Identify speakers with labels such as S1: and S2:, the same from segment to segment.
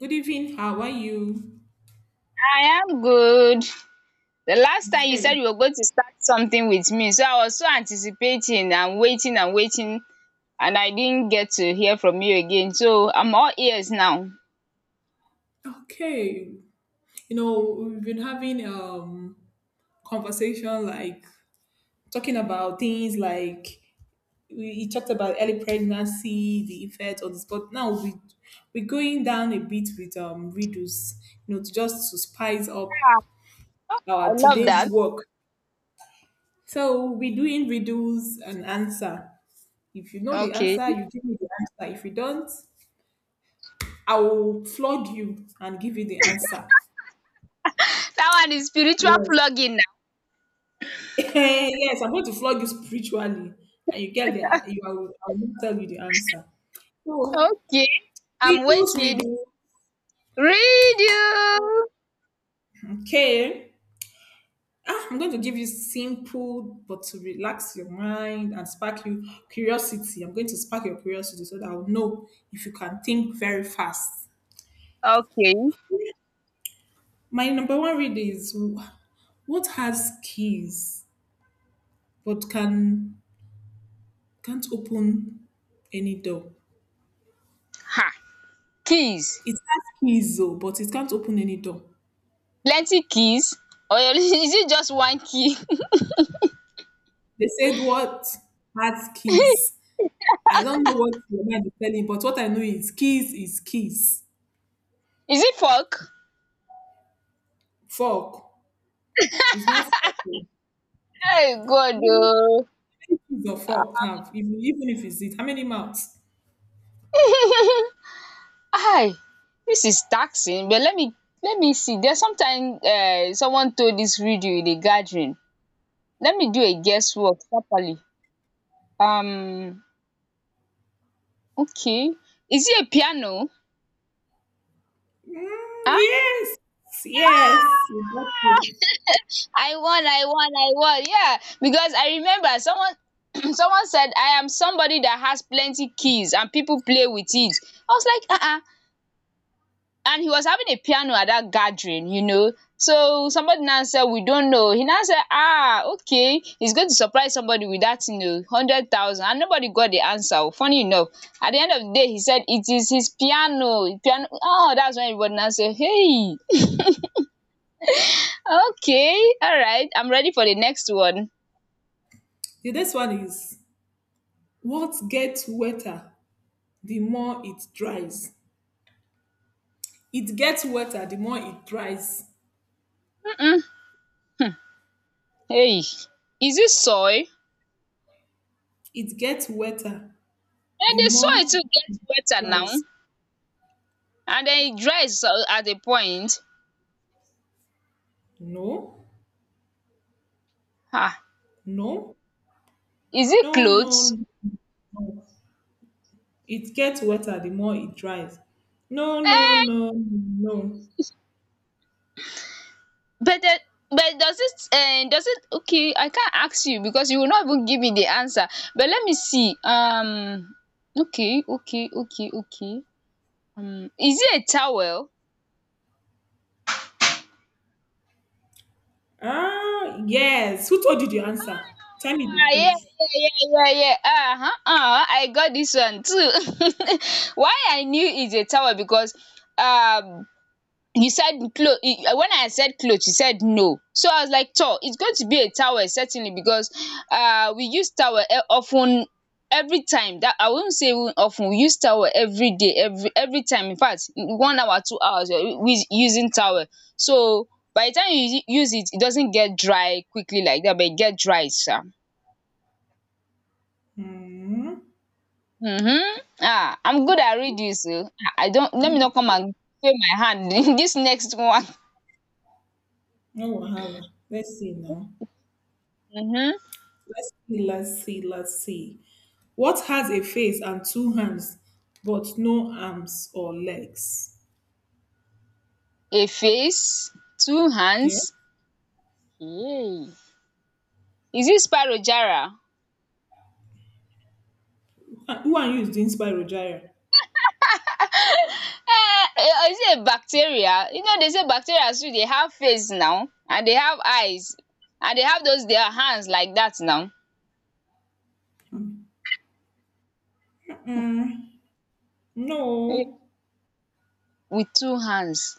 S1: Good evening. How are you?
S2: I am good. The last time you said
S1: Okay.
S2: you were going to start something with me, so I was so anticipating and waiting and waiting, and I didn't get to hear from you again. So I'm all ears now. Yeah,
S1: Okay. We've been having conversation, like talking about things like we talked about early pregnancy, the effect on this, but now we we're going down a bit with riddles, to just to spice up
S2: I
S1: our
S2: love
S1: today's
S2: that.
S1: work. So we're doing riddles and answer. If you know the
S2: Okay.
S1: answer, you give me the answer. If you don't, I will flood you and give you the answer.
S2: That one is spiritual
S1: Yes.
S2: plugging
S1: Eh, yes, I'm going to flog you spiritually, and you get the you. I will not tell you the answer.
S2: now.
S1: So
S2: Okay. I'm
S1: riddles we
S2: waiting.
S1: do.
S2: Read you.
S1: Okay, I'm going to give you simple, but to relax your mind and spark you curiosity. I'm going to spark your curiosity so that I'll know if you can think very fast.
S2: Okay.
S1: My number one read is what has keys but can't open any door.
S2: Ha. Keys.
S1: It has keys though, but it can't open any door.
S2: Plenty keys. Or is it just one key?
S1: They said what has keys. I don't know what your mind is telling, but what I know is keys is keys.
S2: Is it fork?
S1: Fork. It's not fork. Oh.
S2: Hey,
S1: How
S2: God.
S1: many keys or fork have? Even if it's it, how many mouths?
S2: Oh. Hi, this is taxing, but let me see, there's sometime. Someone told this video in a gathering. Let me do a guesswork properly. Um okay, is it a piano?
S1: Mm,
S2: Ah!
S1: yes. Yes, you got it.
S2: I won, I won, I won. Yeah, because I remember someone someone said, I am somebody that has plenty keys and people play with it. I was like, uh-uh, and he was having a piano at that gathering. So somebody now said, We don't know. He now said, Ah, okay, he's going to surprise somebody with that, 100,000. And nobody got the answer. Oh. Funny enough, at the end of the day, he said, It is his piano. Piano. Oh, that's when everybody now said, Hey, okay, all right, I'm ready for the next one.
S1: The next one is what gets wetter the more it dries. It gets wetter the more it dries.
S2: Mm-mm. Hmm. Hey, is it soy?
S1: It gets wetter
S2: And
S1: the
S2: the soil
S1: more
S2: too
S1: it
S2: gets wetter now,
S1: dries.
S2: and then it dries at a point.
S1: No,
S2: Ah,
S1: no,
S2: is it
S1: no, no,
S2: clothes?
S1: no. It gets wetter the more it dries. No, no, no, no.
S2: But the but does it, okay, I can't ask you because you will not even give me the answer. But let me see. Okay, okay, okay, okay. Is it a towel?
S1: Ah, yes. Who told you the answer? Tell me the
S2: Ah, yeah,
S1: truth.
S2: yeah, yeah, yeah, yeah. Uh-huh. I got this one too. Why I knew it's a towel, because um you said cloth. When I said cloth, you said no. So I was like, tor, it's going to be a towel certainly, because we use towel often every time. That I won't say. Even often, we use towel every day, every time. In fact, 1 hour, 2 hours, we using towel. So by the time you use it, it doesn't get dry quickly like that, but it get dry, sir. Sha.
S1: Hmm.
S2: I'm good at reading. So I don't, let
S1: No
S2: me not come and fail my hand in this next one.
S1: wahala. Let's see now.
S2: um
S1: Let's see, let's see, let's see. What has a face and two hands, but no arms or legs?
S2: a face, two
S1: Yeah.
S2: hands. Yay! Is it Sparrowjara?
S1: Ah, who are you is doing Spyro Gyra?
S2: um is it a bacteria? You know, they say bacteria too. They have face now, and they have eyes, and they have those their hands like that now.
S1: Mm,
S2: Hey.
S1: no.
S2: With two hands.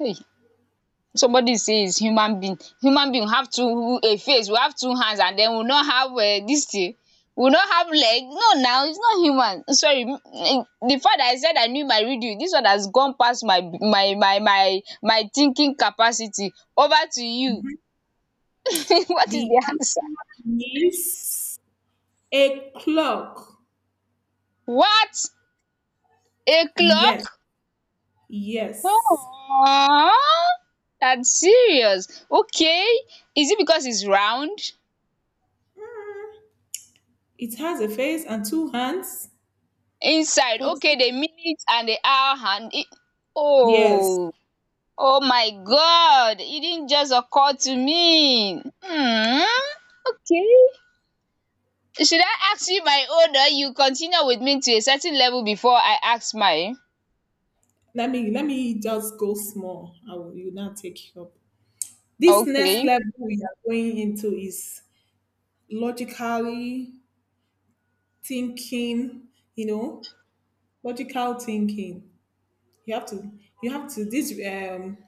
S2: Hey. Somebody say is human being. Human being have two a face, we have two hands, and then we no have dis thing, we no have leg. No, now is not human. Sorry, eh, the fact that I said I knew my riddle, dis one has gone pass my thinking capacity. Over to you. What is
S1: The
S2: the answer?
S1: answer is a clock.
S2: What? A
S1: Yes.
S2: clock?
S1: Yes,
S2: um that's serious. Okay, is it because it's round?
S1: it has a face and two hands.
S2: Inside,
S1: But
S2: okay, the minute and the hour and it.
S1: yes,
S2: Oh oh my god, it didn't just occur to me. Hmm. Okay. Should I ask you my own, or you continue with me to a certain level before I ask mine?
S1: let me just go small. I will you now take it up. This next
S2: Okay.
S1: level we are going into is logically thinking. You know, logical thinking. You have to you have to this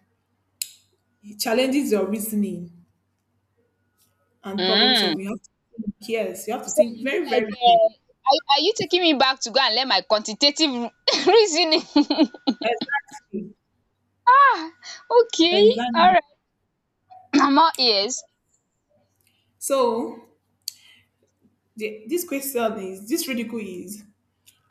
S1: challenges your reasoning and problem
S2: Hmm.
S1: solving. You have to think, yes, you have to
S2: So
S1: think
S2: is it
S1: very
S2: like
S1: very deep.
S2: are you taking me back to go and learn my quantitative reasoning?
S1: Exactly,
S2: ah, okay. All
S1: exactly.
S2: right. I'm all ears.
S1: So the, this question is this ridicule is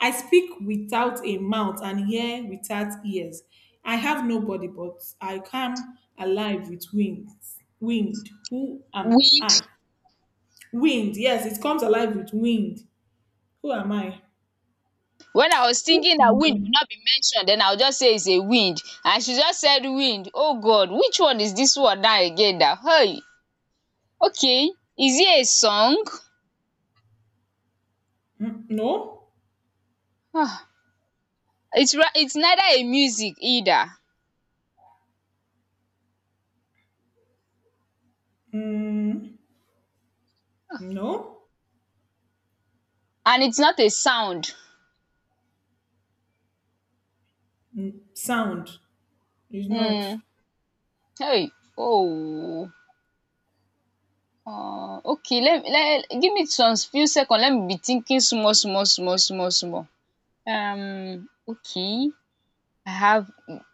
S1: I speak without a mouth and hear without ears. I have nobody, but I come alive with wings. Wind, who am
S2: Wind.
S1: I? Wind, yes, it comes alive with wind. Who am I?
S2: When I was
S1: Who?
S2: thinking that wind
S1: No.
S2: would not be mentioned, then I would just say it's a wind, and she just said wind. Oh God, which one is this one now again now? Hey. Okay, is it a song?
S1: No.
S2: um it's neither a music either.
S1: Mm, no.
S2: And it's not a sound.
S1: Mm, sound is not
S2: um Hey. Oh. Okay, let give me some few second, let me be thinking small small small small small. Okay. I have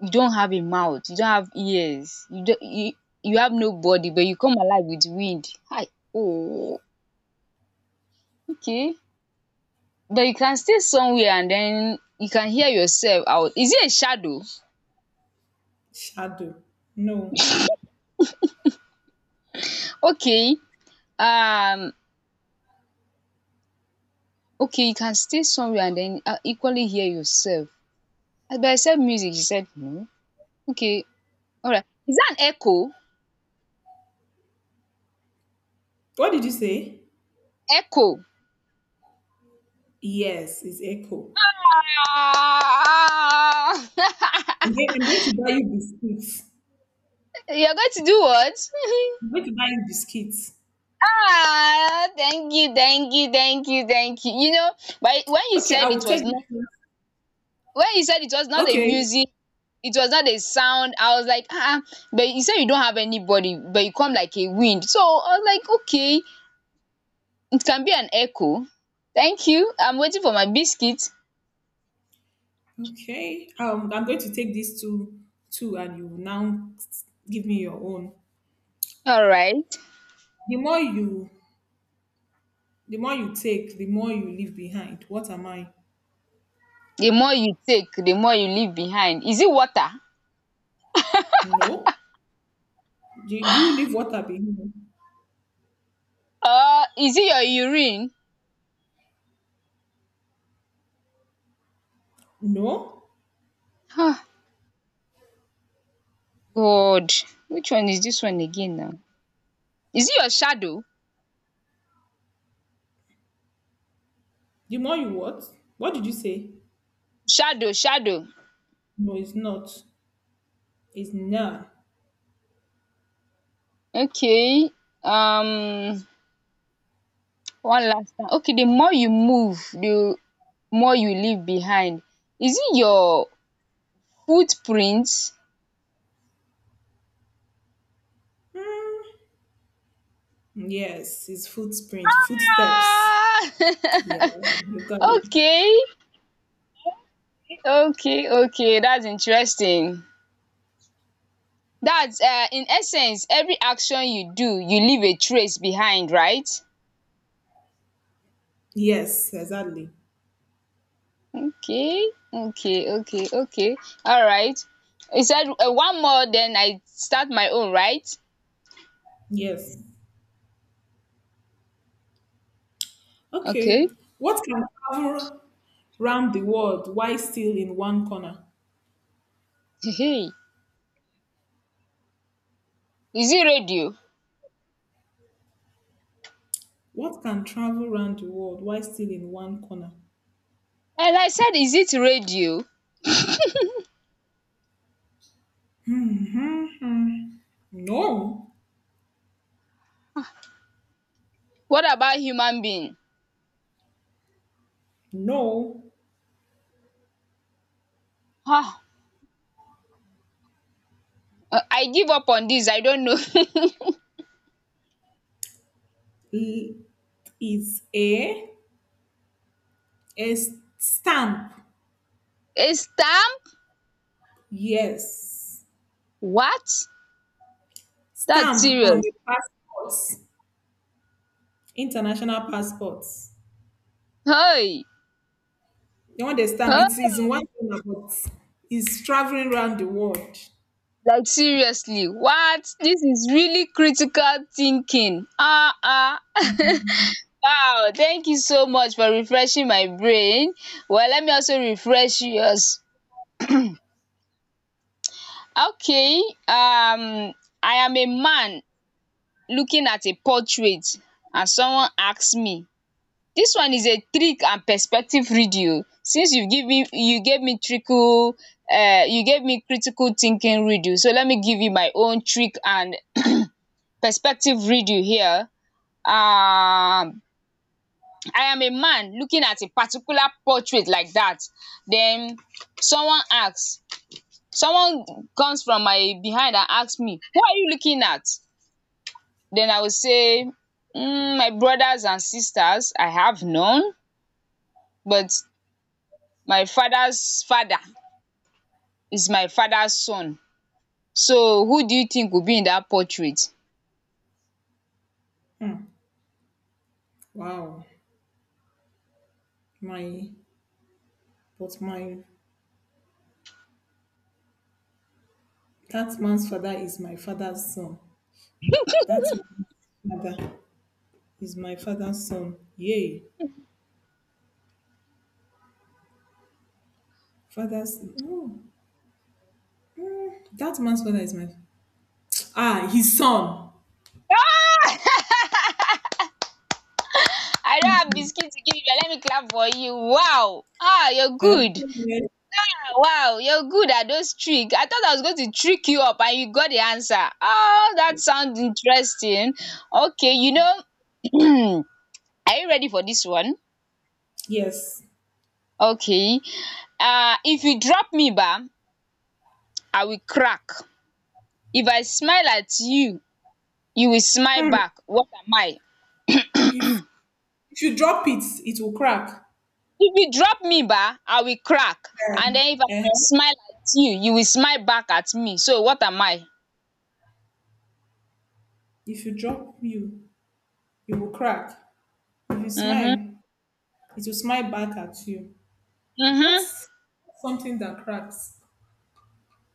S2: You don't have a mouth, you don't have ears, you don't you you have no body, but you come alive with wind. Hi! Oh! Okay. But you can stay somewhere, and then you can hear yourself out. Is it a shadow?
S1: shadow. No.
S2: Okay. Um, okay, you can stay somewhere and then equally hear yourself. But I said music, you said no. Okay, alright. Is that an echo?
S1: What did you say?
S2: Echo.
S1: Yes, it's echo.
S2: Ah.
S1: I'm going to buy you biscuits.
S2: You're going to do what?
S1: I'm going to buy biscuits.
S2: Ah, thank you, thank you, thank you, thank you. You know, but
S1: Okay, I will take this one.
S2: when you said it was not a
S1: Okay.
S2: music, it was not a sound. I was like, ah, ah, but you said you don't have anybody, but you come like a wind. So I was like, okay, it can be an echo. Thank you. I'm waiting for my biscuit.
S1: Okay. I'm going to take these two and you now give me your own.
S2: All right.
S1: The more you the more you take, the more you leave behind. What am I?
S2: The more you take, the more you leave behind. Is it water?
S1: No. Do you leave water behind?
S2: Or is it your urine?
S1: No.
S2: Ah, God, which one is this one again now? Is it your shadow?
S1: The more you what? What did you say?
S2: Shadow, shadow.
S1: No, it's not. It's nah.
S2: Okay, um, one last time. Okay, the more you move, the more you leave behind. Is it your footprints?
S1: Yes, it's footprint, footsteps.
S2: Ah!
S1: Yeah, you got it.
S2: Okay, okay, okay. That's interesting. That's in essence, every action you do, you leave a trace behind, right?
S1: Yes, exactly.
S2: Okay, okay, okay, okay. All right. You said one more, then I start my own, right?
S1: Yes.
S2: Okay.
S1: Okay. What can travel round the world while still in one corner?
S2: Hey, hey. Is it radio?
S1: What can travel round the world while still in one corner?
S2: And I said, is it radio?
S1: No,
S2: What about human being?
S1: no.
S2: Ah, I give up on this. I don't know.
S1: It is a stamp.
S2: A stamp?
S1: Yes.
S2: What? That's
S1: Stamp on
S2: serious.
S1: the passports, international passports.
S2: Hey,
S1: The one they stamp, it is in one
S2: oh,
S1: corner, but it's traveling round the world.
S2: like, seriously, what? This is really critical thinking. Ah, ah. Uh. Wow, thank you so much for refreshing my brain. Well, let me also refresh yours. Okay, um, I am a man looking at a portrait, and someone asks me. This one is a trick and perspective reading oh. Since you gave me trickle, you gave me critical thinking reading, so let me give you my own trick and perspective reading here. um I am a man looking at a particular portrait like that. Then someone asks, someone comes from my behind and ask me, who are you looking at? Then I will say, my brothers and sisters I have none, but my father's father is my father's son. So who do you think will be in that portrait?
S1: Hmm. Wow. My, but my that man's father is my father's son. That man's father is my father's son. Yay. Father's no. Mm. That man's father is my ah his son.
S2: Ah! I don't have biscuit to give you. Let me clap for you. Wow. Ah, you're
S1: Eh?
S2: good. Ah, wow, you're good at those tricks. I thought I was going to trick you up, and you got the answer. Oh, that sounds interesting. Okay, you know, are you ready for this one?
S1: Yes.
S2: Okay. If you drop me, ba, I will crack. If I smile at you, you will smile
S1: Hmm.
S2: back. What am I?
S1: If if you drop it, it will crack.
S2: If you drop me ba, I will crack,
S1: Eh,
S2: and den if I wan
S1: eh.
S2: smile at you, you will smile back at me, so what am I?
S1: If you drop you, it will crack. If you
S2: um
S1: smile, it will smile back at you.
S2: um
S1: What's something that cracks?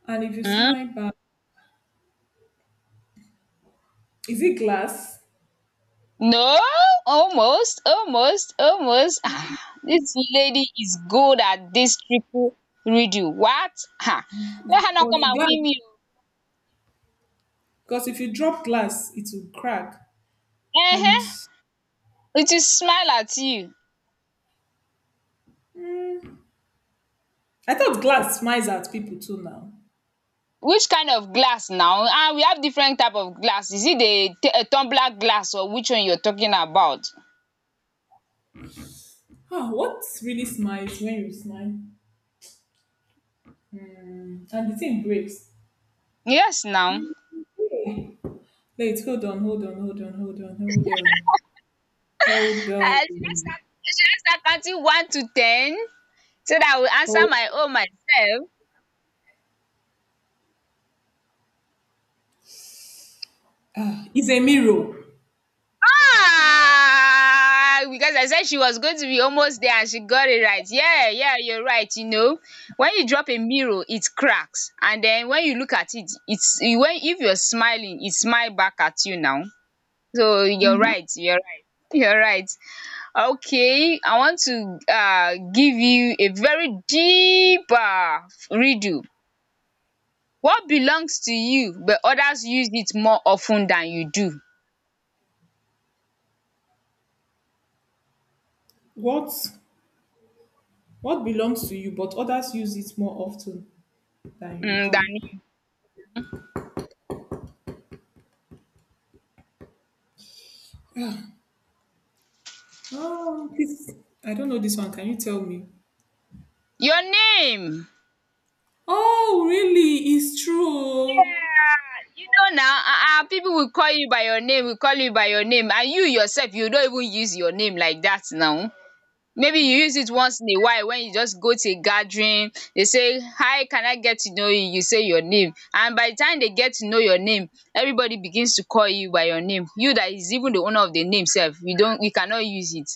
S1: And if you
S2: um
S1: smile back, is it glass?
S2: no, almost, almost, almost. Dis lady is good at dis triple riddle. What? um Let her no come
S1: Because
S2: and
S1: glass,
S2: win me oo.
S1: because if you drop glass, it will crack. And
S2: um it will smile at you.
S1: mm, I thought glass smiles at people too now.
S2: Which kind of glass now? And we have different type of glass. Is it the a tumbler glass, or which one you are talking about?
S1: Ah, what really smiles when you smile? Mm, and the thing breaks.
S2: Yes now.
S1: Yeah. Wait, hold on, hold on, hold on, hold on, hold on, hold
S2: Should I
S1: on.
S2: start? Should I start counting one to ten so that I will answer
S1: Oh,
S2: my own myself?
S1: it's a mirror.
S2: Ah, because I said she was going to be almost there, and she got it right. Yeah, yeah, you're right. You know, when you drop a mirror, it cracks, and then when you look at it, it's when if you're smiling, it smile back at you now. So you're right. You're right. You're right. Okay, I want to give you a very deep redo. What belongs to you but others use it more often than you do?
S1: What what belongs to you, but others use it more often than you
S2: Than
S1: do?
S2: you.
S1: Ah, oh, this I don't know this one. Can you tell me?
S2: Your name!
S1: Oh, really? It's true.
S2: Yeah, you know now, people will call you by your name will call you by your name, and you yourself, you don't even use your name like that now. Maybe you use it once in a while. When you just go to a gathering, they say, "Hi, can I get to know you?" You say your name, and by the time they get to know your name, everybody begins to call you by your name. You that is even the owner of the name sef, you cannot use it.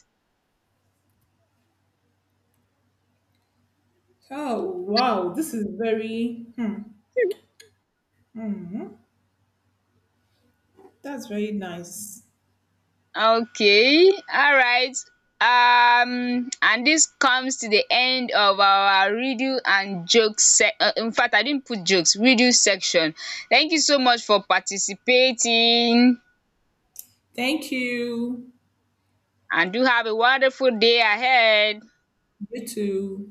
S1: Oh, wow. This is very, hmm, that's very nice.
S2: Okay, alright. And this comes to the end of our riddle and jokes in fact, I didn't put jokes, riddle section. Thank you so much for participating,
S1: Thank you.
S2: and do have a wonderful day ahead.
S1: You too.